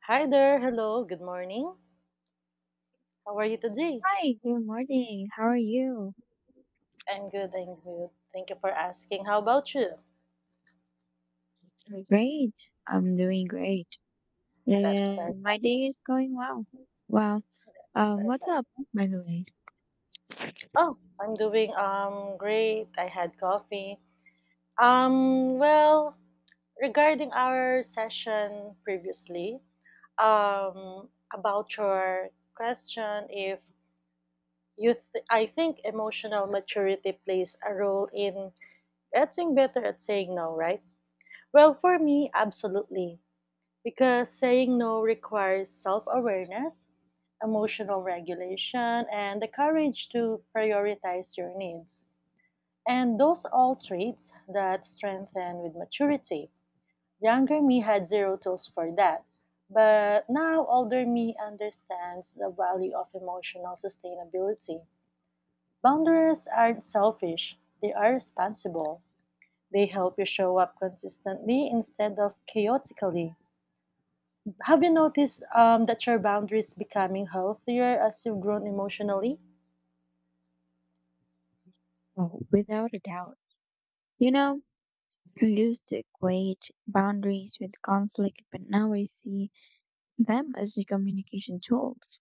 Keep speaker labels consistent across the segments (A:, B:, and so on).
A: Hi there. Hello. Good morning. How are you today?
B: Hi, good morning. How are you?
A: I'm good. Thank you for asking. How about you?
B: I'm Great. I'm doing great.
A: That's perfect.
B: And my day is going well. Well,
A: That's
B: what's
A: perfect.
B: up, by the way?
A: Oh, I'm doing great. I had coffee. Well, regarding our session previously, about your question if I think emotional maturity plays a role in getting better at saying no, right? Well, for me, absolutely, because saying no requires self awareness, emotional regulation, and the courage to prioritize your needs. And those all traits that strengthen with maturity. Younger me had zero tools for that, but now older me understands the value of emotional sustainability. Boundaries aren't selfish, they are responsible. They help you show up consistently instead of chaotically. Have you noticed that your boundaries becoming healthier as you've grown emotionally?
B: Oh, without a doubt. You know, I used to equate boundaries with conflict, but now I see them as the communication tools.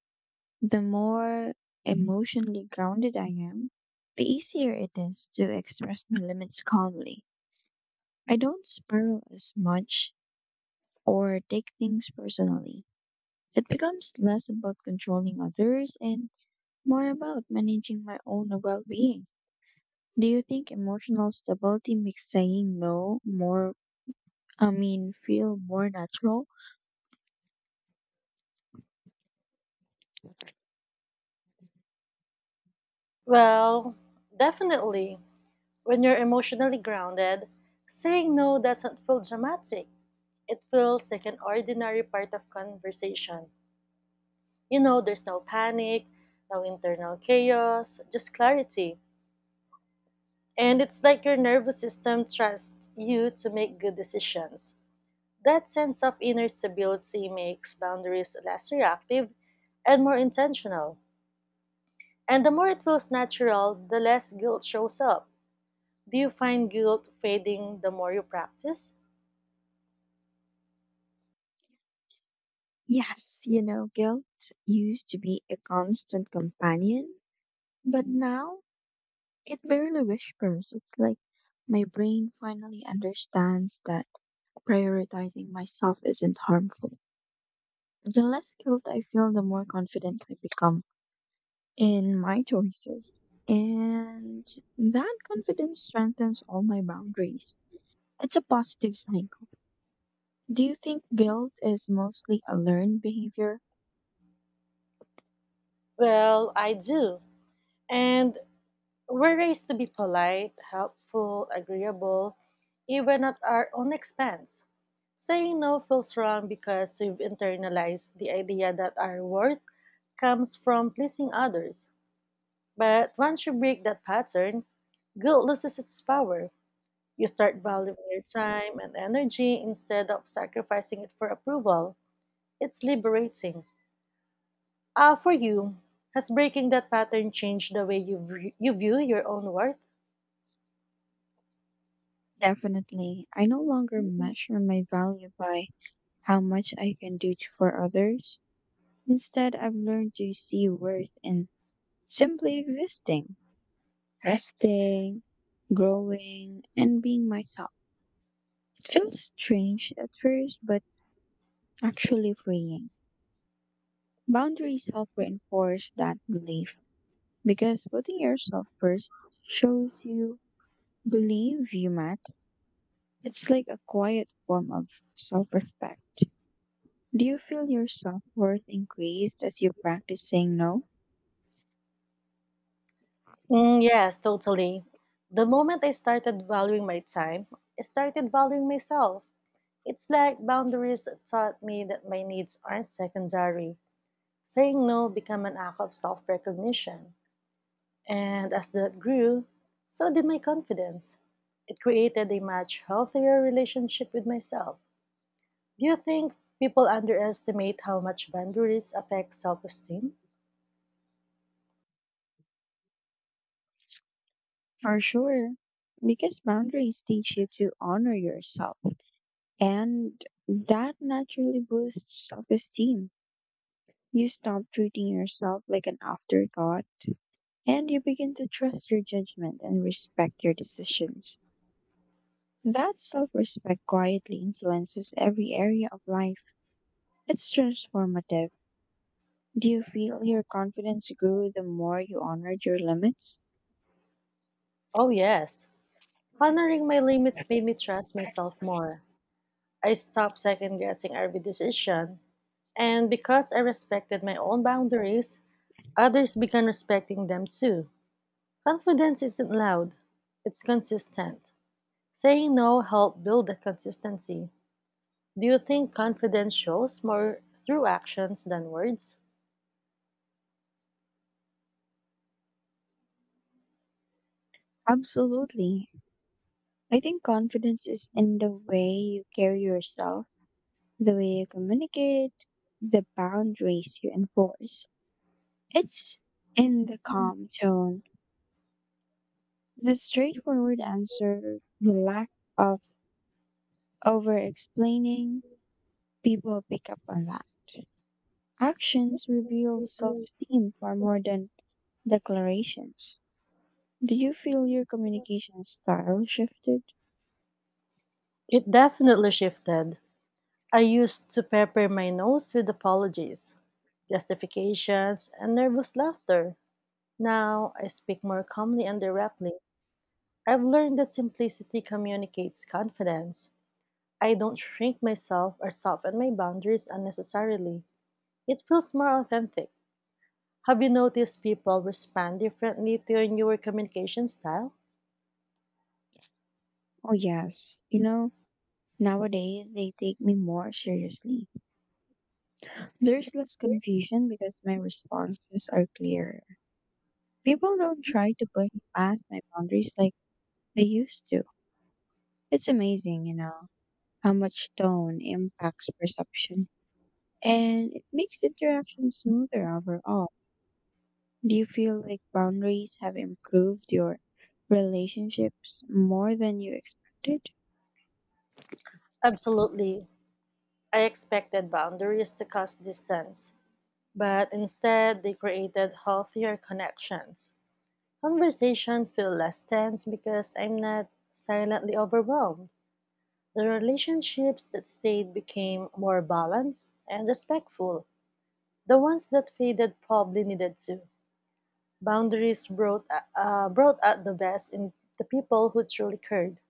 B: The more emotionally grounded I am, the easier it is to express my limits calmly. I don't spiral as much or take things personally. It becomes less about controlling others and more about managing my own well being. Do you think emotional stability makes saying no more, I mean, feel more natural?
A: Well, definitely. When you're emotionally grounded, saying no doesn't feel dramatic. It feels like an ordinary part of conversation. There's no panic, no internal chaos, just clarity. And it's like your nervous system trusts you to make good decisions. That sense of inner stability makes boundaries less reactive and more intentional. And the more it feels natural, the less guilt shows up. Do you find guilt fading the more you practice?
B: Yes, you know, guilt used to be a constant companion, but now it barely whispers. It's like my brain finally understands that prioritizing myself isn't harmful. The less guilt I feel, the more confident I become in my choices. And that confidence strengthens all my boundaries. It's a positive cycle. Do you think guilt is mostly a learned behavior?
A: Well, I do. And we're raised to be polite, helpful, agreeable, even at our own expense. Saying no feels wrong because we've internalized the idea that our worth comes from pleasing others. But once you break that pattern, guilt loses its power. You start valuing your time and energy instead of sacrificing it for approval. It's liberating. Ah, for you, has breaking that pattern changed the way you view your own worth?
B: Definitely. I no longer measure my value by how much I can for others. Instead, I've learned to see worth in simply existing, resting, growing, and being myself. It feels strange at first, but actually freeing. Boundaries help reinforce that belief because putting yourself first shows you believe you matter. It's like a quiet form of self respect. Do you feel your self worth increased as you practice saying no?
A: Mm, yes, totally. The moment I started valuing my time, I started valuing myself. It's like boundaries taught me that my needs aren't secondary. Saying no became an act of self recognition. And as that grew, so did my confidence. It created a much healthier relationship with myself. Do you think people underestimate how much boundaries affect self esteem?
B: For sure, because boundaries teach you to honor yourself, and that naturally boosts self esteem. You stop treating yourself like an afterthought, and you begin to trust your judgment and respect your decisions. That self respect quietly influences every area of life. It's transformative. Do you feel your confidence grew the more you honored your limits?
A: Oh, yes. Honoring my limits made me trust myself more. I stopped second guessing every decision. And because I respected my own boundaries, others began respecting them too. Confidence isn't loud, it's consistent. Saying no helped build that consistency. Do you think confidence shows more through actions than words?
B: Absolutely. I think confidence is in the way you carry yourself, the way you communicate, the boundaries you enforce. It's in the calm tone, the straightforward answer, the lack of over explaining. People pick up on that. Actions reveal self-esteem far more than declarations. Do you feel your communication style shifted?
A: It definitely shifted. I used to pepper my nose with apologies, justifications, and nervous laughter. Now I speak more calmly and directly. I've learned that simplicity communicates confidence. I don't shrink myself or soften my boundaries unnecessarily. It feels more authentic. Have you noticed people respond differently to your newer communication style?
B: Oh, yes. You know, nowadays they take me more seriously. There's less confusion because my responses are clearer. People don't try to push past my boundaries like they used to. It's amazing, you know, how much tone impacts perception. And it makes interactions smoother overall. Do you feel like boundaries have improved your relationships more than you expected?
A: Absolutely. I expected boundaries to cause distance, but instead they created healthier connections. Conversation feel less tense because I'm not silently overwhelmed. The relationships that stayed became more balanced and respectful. The ones that faded probably needed to. Boundaries brought brought out the best in the people who truly cared.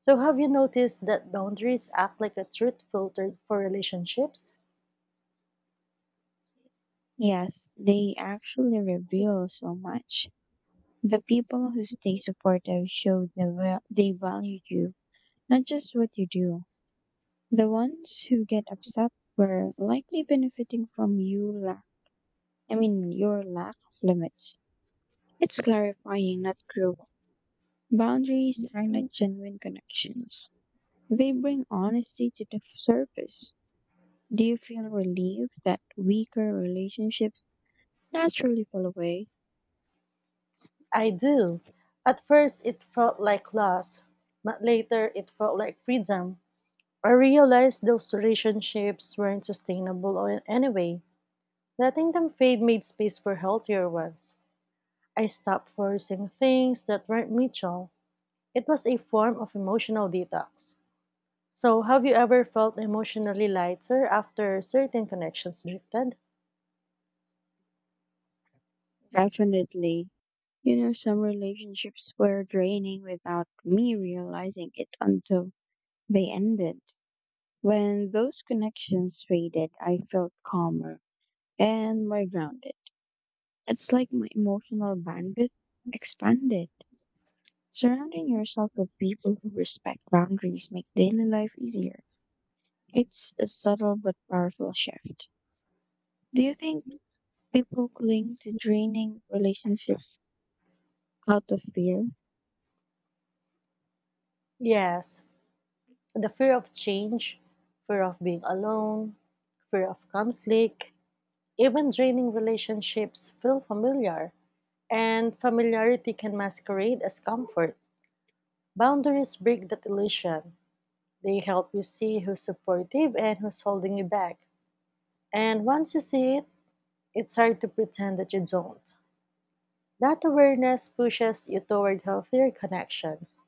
A: So, have you noticed that boundaries act like a truth filter for relationships?
B: Yes, they actually reveal so much. The people who stay supportive show they value you, not just what you do. The ones who get upset were likely benefiting from your lack of limits. It's clarifying, not cruel. Boundaries highlight genuine connections. They bring honesty to the surface. Do you feel relieved that weaker relationships naturally fall away?
A: I do. At first, it felt like loss, but later, it felt like freedom. I realized those relationships weren't anyway. Letting them fade made space for healthier ones. I stopped forcing things that weren't mutual. It was a form of emotional detox. So, have you ever felt emotionally lighter after certain connections drifted?
B: Definitely. You know, some relationships were draining without me realizing it until they ended. When those connections faded, I felt calmer and more grounded. It's like my emotional bandwidth expanded. Surrounding yourself with people who respect boundaries make daily life easier. It's a subtle but powerful shift. Do you think people cling to draining relationships out of fear?
A: Yes, the fear of change, fear of being alone, fear of conflict, even draining relationships feel familiar, and familiarity can masquerade as comfort. Boundaries break that illusion. They help you see who's supportive and who's holding you back. And once you see it, it's hard to pretend that you don't. That awareness pushes you toward healthier connections.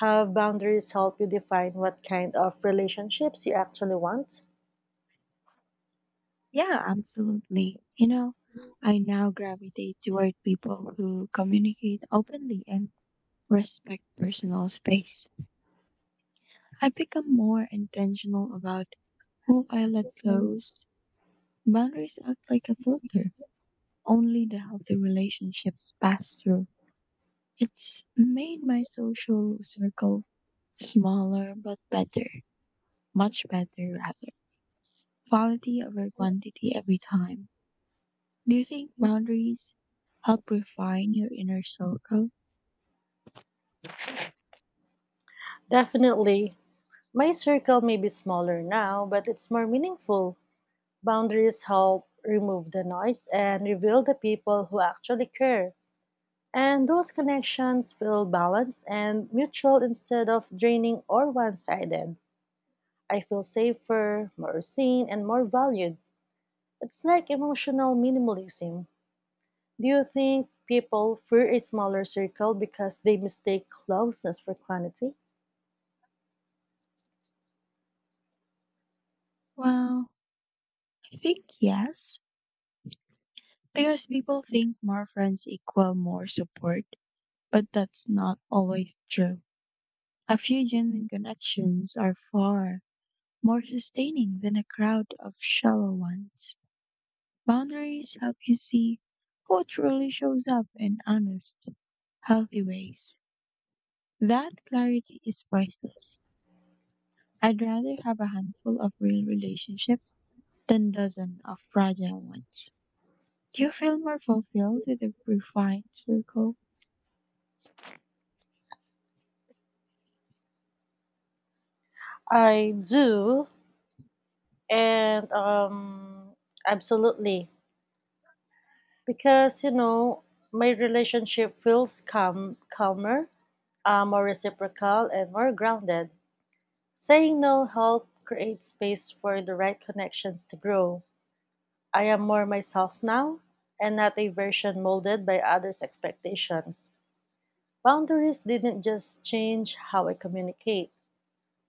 A: Have boundaries help you define what kind of relationships you actually want?
B: Yeah, absolutely. You know, I now gravitate toward people who communicate openly and respect personal space. I've become more intentional about who I let close. Boundaries act like a filter. Only the healthy relationships pass through. It's made my social circle smaller but better, much better rather. Quality over quantity every time. Do you think boundaries help refine your inner circle?
A: Definitely. My circle may be smaller now, but it's more meaningful. Boundaries help remove the noise and reveal the people who actually care. And those connections feel balanced and mutual instead of draining or one sided. I feel safer, more seen, and more valued. It's like emotional minimalism. Do you think people fear a smaller circle because they mistake closeness for quantity?
B: Well, I think yes, because people think more friends equal more support, but that's not always true. A few genuine connections are far more sustaining than a crowd of shallow ones. Boundaries help you see who truly shows up in honest, healthy ways. That clarity is priceless. I'd rather have a handful of real relationships than dozen of fragile ones. Do you feel more fulfilled with a refined circle?
A: I do. And absolutely. Because you know my relationship feels calmer, more reciprocal and more grounded. Saying no help create space for the right connections to grow. I am more myself now, and not a version molded by others expectations. Boundaries didn't just change how I communicate,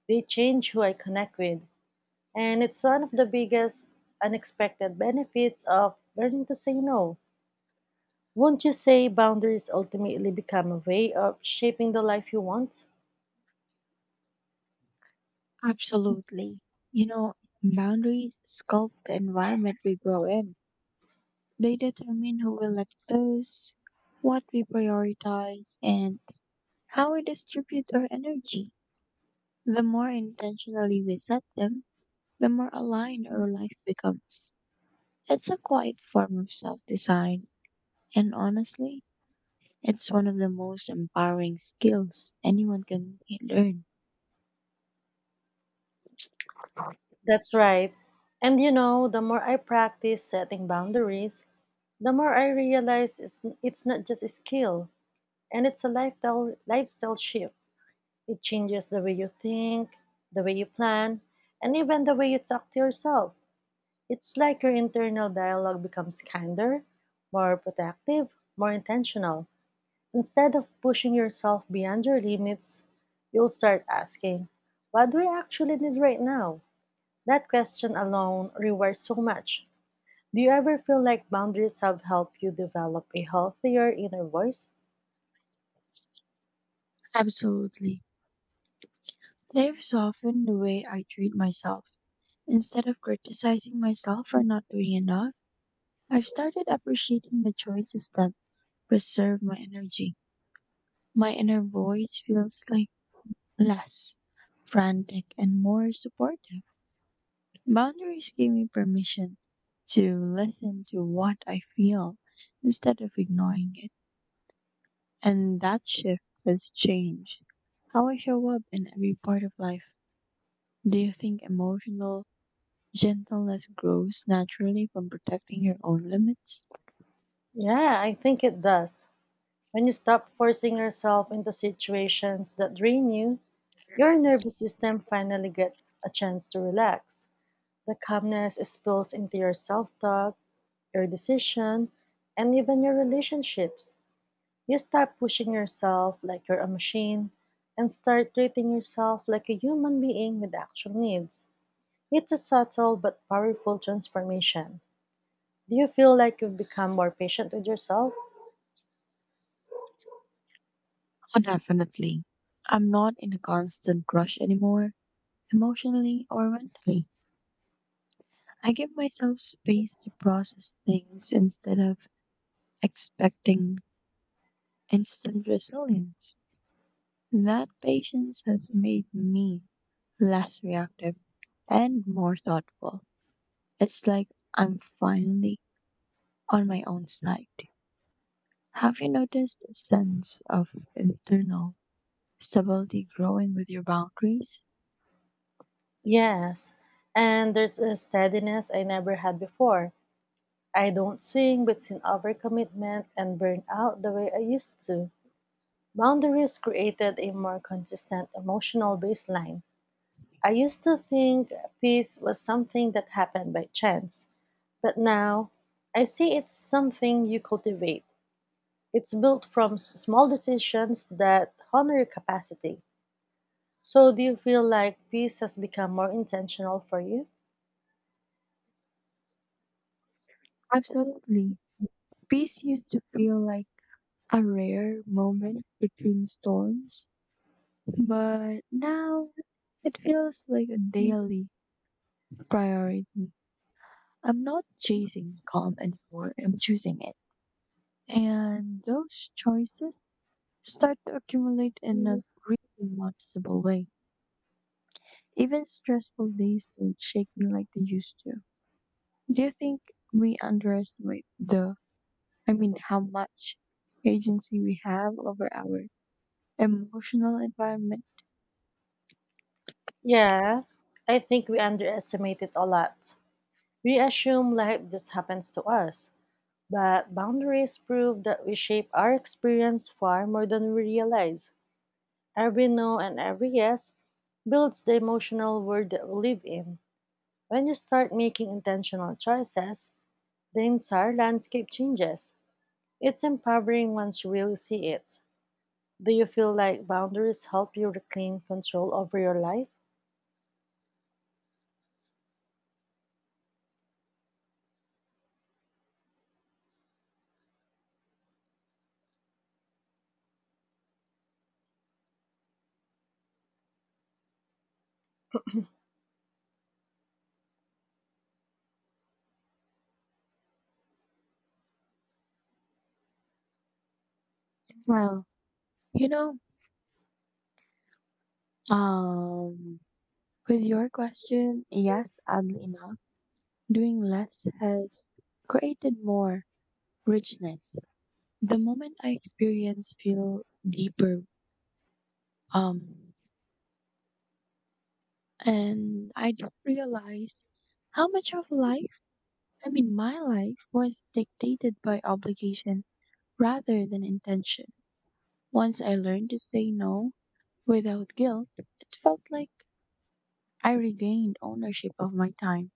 A: they change who I connect with. And it's one of the biggest unexpected benefits of learning to say no. Won't you say boundaries ultimately become a way of shaping the life you want?
B: Absolutely. You know, boundaries sculpt the environment we grow in. They determine who we let close, what we prioritize, and how we distribute our energy. The more intentionally we set them, the more aligned our life becomes. It's a quiet form of self design, and honestly, it's one of the most empowering skills anyone can learn.
A: That's right. And you know, the more I practice setting boundaries, the more I realize it's not just a skill, and it's a lifestyle shift. It changes the way you think, the way you plan, and even the way you talk to yourself. It's like your internal dialogue becomes kinder, more protective, more intentional. Instead of pushing yourself beyond your limits, you'll start asking, what do I actually need right now? That question alone rewards so much. Do you ever feel like boundaries have helped you develop a healthier inner voice?
B: Absolutely. They've softened the way I treat myself. Instead of criticizing myself for not doing enough, I've started appreciating the choices that preserve my energy. My inner voice feels like less frantic and more supportive. Boundaries give me permission to listen to what I feel instead of ignoring it. And that shift has changed how I show up in every part of life. Do you think emotional gentleness grows naturally from protecting your own limits?
A: Yeah, I think it does. When you stop forcing yourself into situations that drain you, your nervous system finally gets a chance to relax. The calmness spills into your self talk, your decision, and even your relationships. You stop pushing yourself like you're a machine and start treating yourself like a human being with actual needs. It's a subtle but powerful transformation. Do you feel like you've become more patient with yourself?
B: Oh, definitely. I'm not in a constant rush anymore, emotionally or mentally. I give myself space to process things instead of expecting instant resilience. That patience has made me less reactive and more thoughtful. It's like I'm finally on my own side. Have you noticed a sense of internal stability growing with your boundaries?
A: Yes, and there's a steadiness I never had before. I don't swing between overcommitment and burnout the way I used to. Boundaries created a more consistent emotional baseline. I used to think peace was something that happened by chance, but now I see it's something you cultivate. It's built from small decisions that honor your capacity. So, do you feel like peace has become more intentional for you?
B: Absolutely. Peace used to feel like a rare moment between storms, but now it feels like a daily priority. I'm not chasing calm anymore, I'm choosing it. And those choices start to accumulate in a really noticeable way. Even stressful days don't shake me like they used to. Do you think we underestimate how much agency we have over our emotional environment?
A: Yeah, I think we underestimate it a lot. We assume life just happens to us, but boundaries prove that we shape our experience far more than we realize. Every no and every yes builds the emotional world that we live in. When you start making intentional choices, the entire landscape changes. It's empowering once you really see it. Do you feel like boundaries help you reclaim control over your life?
B: Well, you know, um, with your question, yes, oddly enough, doing less has created more richness. The moment I experience feel deeper, um, and I didn't realize how much of my life was dictated by obligation rather than intention. Once I learned to say no without guilt, it felt like I regained ownership of my time.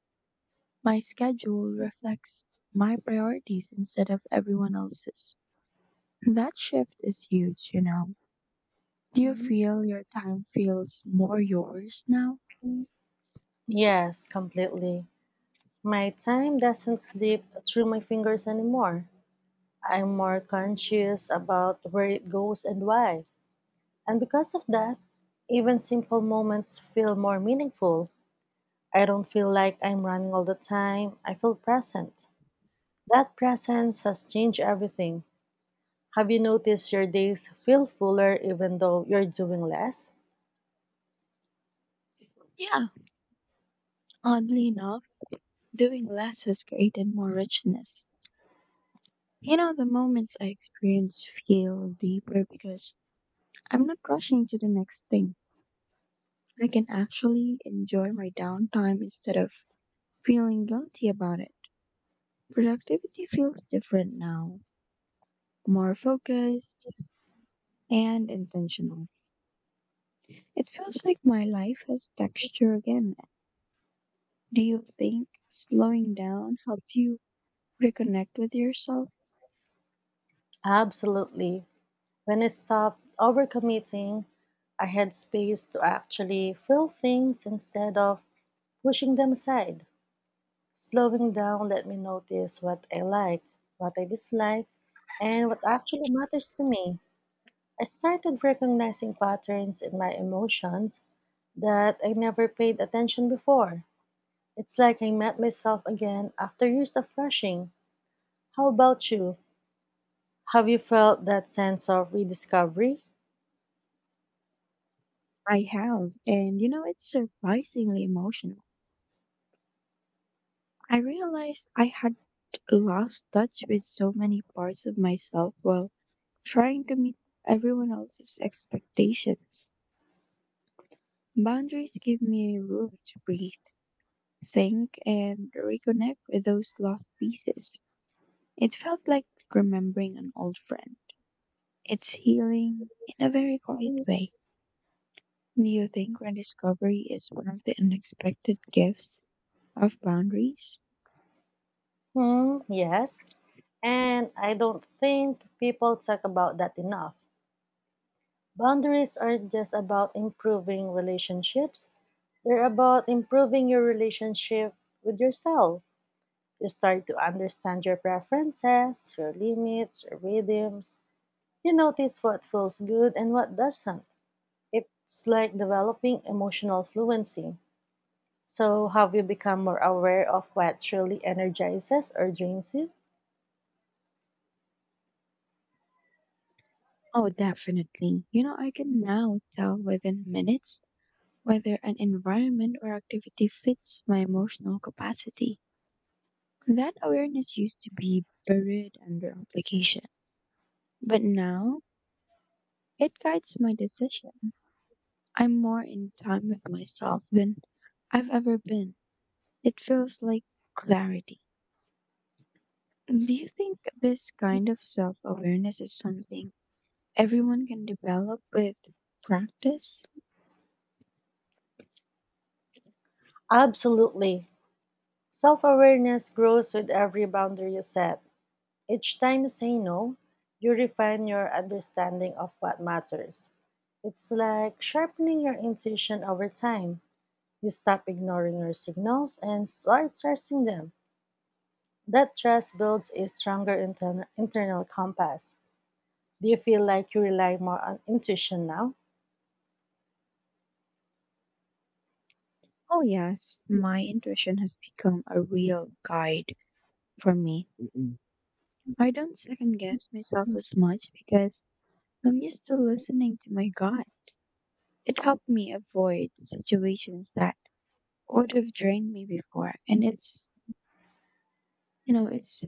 B: My schedule reflects my priorities instead of everyone else's. That shift is huge, you know. Do you feel your time feels more yours now?
A: Yes, completely. My time doesn't slip through my fingers anymore. I'm more conscious about where it goes and why. And because of that, even simple moments feel more meaningful. I don't feel like I'm running all the time. I feel present. That presence has changed everything. Have you noticed your days feel fuller even though you're doing less?
B: Yeah, oddly enough, doing less has created more richness. You know, the moments I experience feel deeper because I'm not rushing to the next thing. I can actually enjoy my downtime instead of feeling guilty about it. Productivity feels different now, more focused and intentional. It feels like my life has texture again. Do you think slowing down helped you reconnect with yourself?
A: Absolutely. When I stopped overcommitting, I had space to actually feel things instead of pushing them aside. Slowing down let me notice what I like, what I dislike, and what actually matters to me. I started recognizing patterns in my emotions that I never paid attention before. It's like I met myself again after years of rushing. How about you? Have you felt that sense of rediscovery?
B: I have, and you know, it's surprisingly emotional. I realized I had lost touch with so many parts of myself while trying to meet everyone else's expectations. Boundaries give me room to breathe, think, and reconnect with those lost pieces. It felt like remembering an old friend. It's healing in a very quiet way. Do you think rediscovery is one of the unexpected gifts of boundaries?
A: Hmm, yes. And I don't think people talk about that enough. Boundaries aren't just about improving relationships, they're about improving your relationship with yourself. You start to understand your preferences, your limits, your rhythms. You notice what feels good and what doesn't. It's like developing emotional fluency. So, have you become more aware of what truly energizes or drains you?
B: Oh, definitely. You know, I can now tell within minutes whether an environment or activity fits my emotional capacity. That awareness used to be buried under obligation, but now it guides my decision. I'm more in time with myself than I've ever been. It feels like clarity. Do you think this kind of self awareness is something everyone can develop with practice?
A: Absolutely. Self awareness grows with every boundary you set. Each time you say no, you refine your understanding of what matters. It's like sharpening your intuition over time. You stop ignoring your signals and start trusting them. That trust builds a stronger internal compass. Do you feel like you rely more on intuition now?
B: Oh, yes, my intuition has become a real guide for me. I don't second guess myself as much because I'm used to listening to my gut. It helped me avoid situations that would have drained me before. And it's, you know, it's,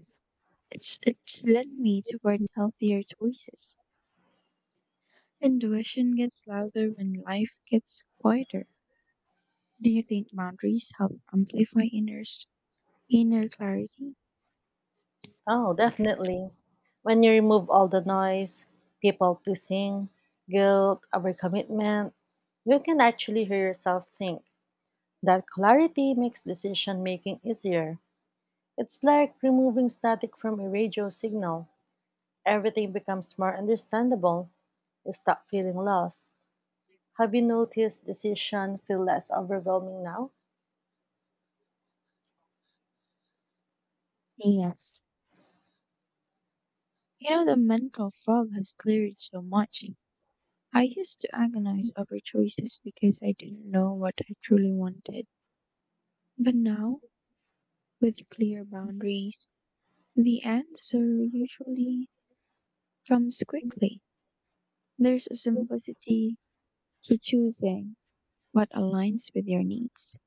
B: it's, it's led me toward healthier choices. Intuition gets louder when life gets quieter. Do you think boundaries help amplify inner clarity?
A: Oh, definitely. When you remove all the noise, people pleasing, guilt, overcommitment, you can actually hear yourself think. That clarity makes decision making easier. It's like removing static from a radio signal. Everything becomes more understandable. You stop feeling lost. Have you noticed decision feel less overwhelming now?
B: Yes. You know, the mental fog has cleared so much. I used to agonize over choices because I didn't know what I truly wanted. But now, with clear boundaries, the answer usually comes quickly. There's a simplicity to choosing what aligns with your needs.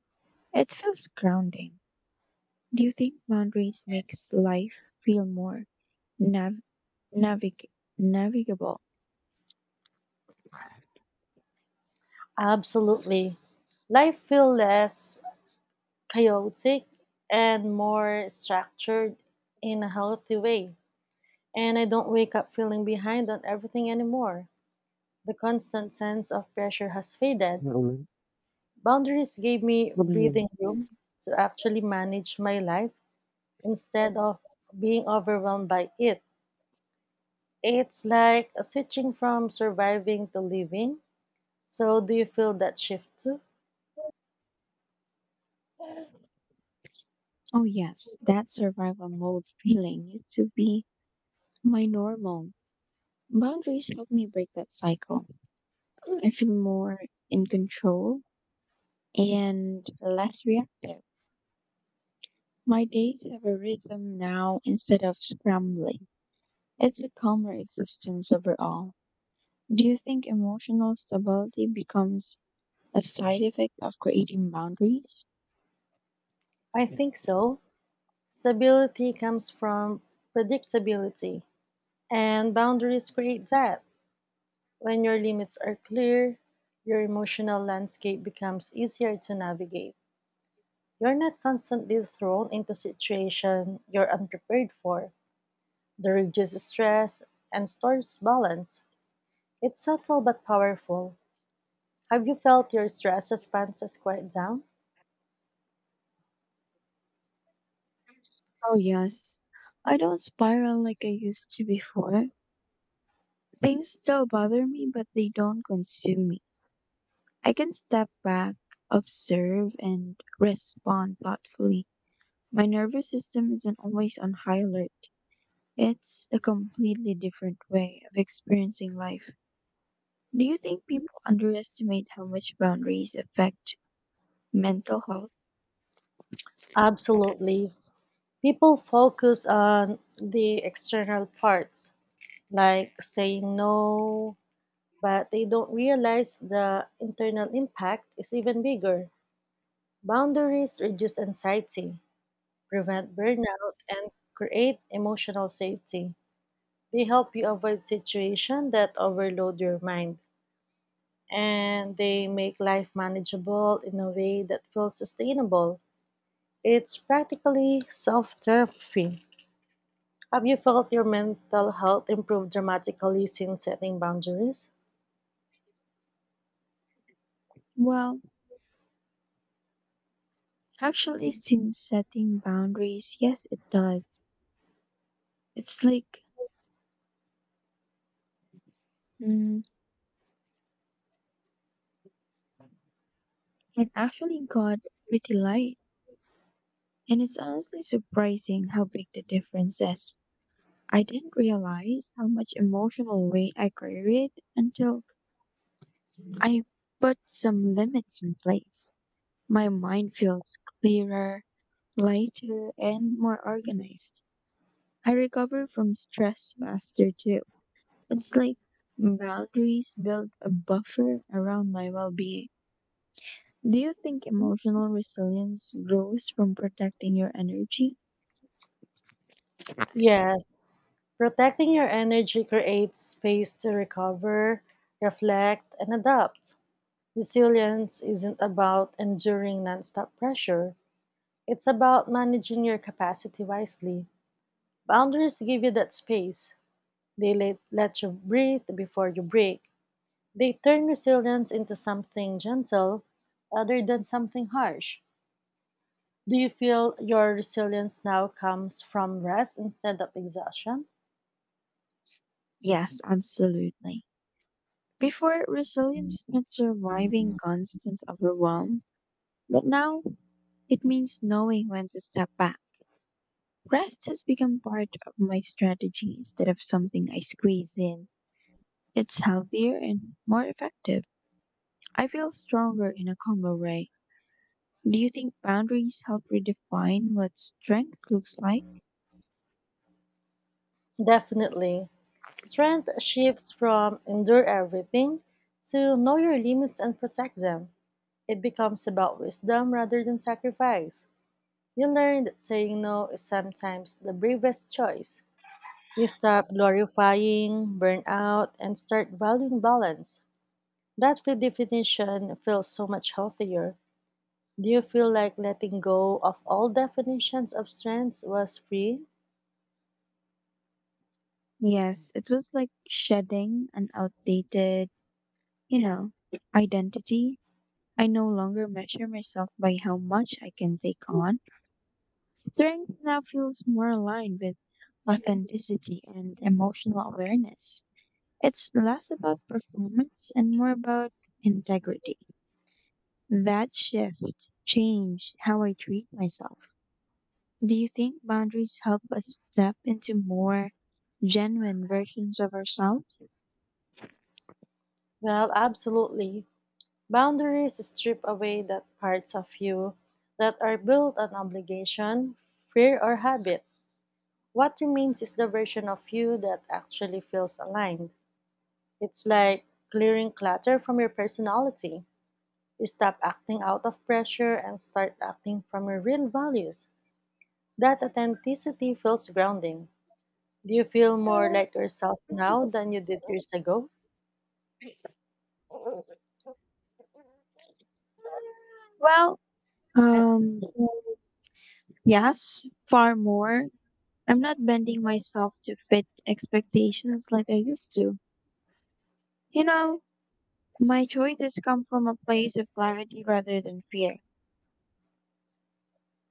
B: It feels grounding. Do you think boundaries makes life feel more nav- navig- navigable?
A: Absolutely. Life feels less chaotic and more structured in a healthy way. And I don't wake up feeling behind on everything anymore. The constant sense of pressure has faded.
B: Well,
A: Boundaries gave me
B: what do you...
A: breathing room to actually manage my life instead of being overwhelmed by it. It's like switching from surviving to living. So, do you feel that shift too?
B: Oh yes, that survival mode feeling used to be my normal. Boundaries help me break that cycle. I feel more in control and less reactive. My days have a rhythm now instead of scrambling. It's a calmer existence overall. Do you think emotional stability becomes a side effect of creating boundaries?
A: I
B: Yeah.
A: think so. Stability comes from predictability, and boundaries create that. When your limits are clear, your emotional landscape becomes easier to navigate. You're not constantly thrown into situations you're unprepared for. The reduces stress and stores balance. It's subtle but powerful. Have you felt your stress responses quiet down?
B: Oh, yes. I don't spiral like I used to before. Things still bother me, but they don't consume me. I can step back, observe, and respond thoughtfully. My nervous system isn't always on high alert. It's a completely different way of experiencing life. Do you think people underestimate how much boundaries affect mental health?
A: Absolutely. People focus on the external parts, like saying no, but they don't realize the internal impact is even bigger. Boundaries reduce anxiety, prevent burnout, and create emotional safety. They help you avoid situations that overload your mind, and they make life manageable in a way that feels sustainable. It's practically self therapy. Have you felt your mental health improve dramatically since setting boundaries?
B: Well, actually, since setting boundaries, yes, it does. It's like, mm, it actually got pretty light. And it's honestly surprising how big the difference is. I didn't realize how much emotional weight I carried until I put some limits in place. My mind feels clearer, lighter and more organized. I recover from stress faster too. It's like boundaries build a buffer around my well being. Do you think emotional resilience grows from protecting your energy?
A: Yes. Protecting your energy creates space to recover, reflect, and adapt. Resilience isn't about enduring nonstop pressure, it's about managing your capacity wisely. Boundaries give you that space. They let you breathe before you break. They turn resilience into something gentle rather than something harsh. Do you feel your resilience now comes from rest instead of exhaustion?
B: Yes, absolutely. Before, resilience meant surviving constant overwhelm, but now it means knowing when to step back. Rest has become part of my strategy instead of something I squeeze in. It's healthier and more effective. I feel stronger in a calmer way. Do you think boundaries help redefine what strength looks like?
A: Definitely. Strength shifts from endure everything to know your limits and protect them. It becomes about wisdom rather than sacrifice. You learn that saying no is sometimes the bravest choice. You stop glorifying burnout and start valuing balance. That redefinition feels so much healthier. Do you feel like letting go of all definitions of strengths was free?
B: Yes, it was like shedding an outdated, you know, identity. I no longer measure myself by how much I can take on. Strength now feels more aligned with authenticity and emotional awareness. It's less about performance and more about integrity. That shift changed how I treat myself. Do you think boundaries help us step into more genuine versions of ourselves?
A: Well, absolutely. Boundaries strip away that parts of you that are built on obligation, fear, or habit. What remains is the version of you that actually feels aligned. It's like clearing clutter from your personality. You stop acting out of pressure and start acting from your real values. That authenticity feels grounding. Do you feel more like yourself now than you did years ago?
B: Well,
A: I,
B: um, yes, far more. I'm not bending myself to fit expectations like I used to. You know, my choices come from a place of clarity rather than fear.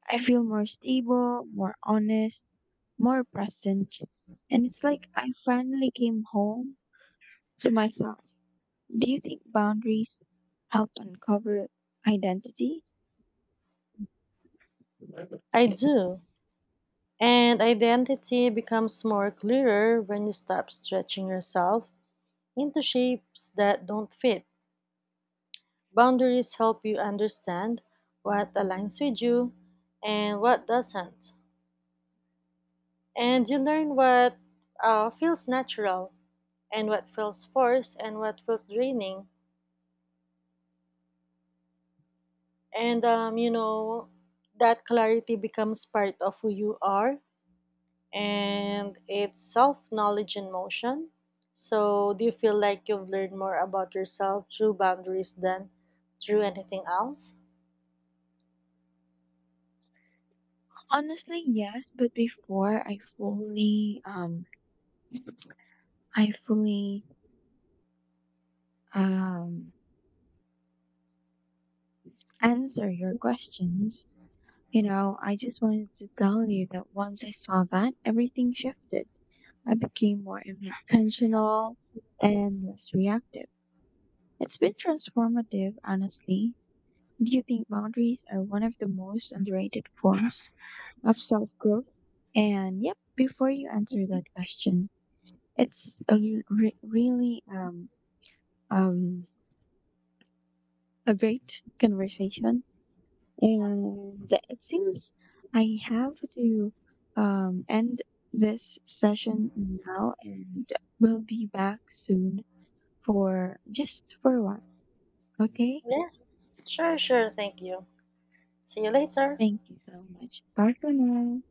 B: I feel more stable, more honest, more present. And it's like I finally came home to myself. Do you think boundaries help uncover identity?
A: I do. And identity becomes more clearer when you stop stretching yourself into shapes that don't fit. Boundaries help you understand what aligns with you and what doesn't. And you learn what feels natural and what feels forced and what feels draining. And um, you know, that clarity becomes part of who you are, and it's self knowledge in motion. So, do you feel like you've learned more about yourself through boundaries than through anything else?
B: Honestly, yes, but before I fully um answer your questions, you know, I just wanted to tell you that once I saw that, everything shifted. I became more intentional and less reactive. It's been transformative, honestly. Do you think boundaries are one of the most underrated forms of self growth? And yep, before you answer that question, it's a really um, a great conversation. And it seems I have to end this session now and we'll be back soon for just for a while. Okay?
A: Yeah, sure. Thank you. See you later.
B: Thank you so much. Bye for now.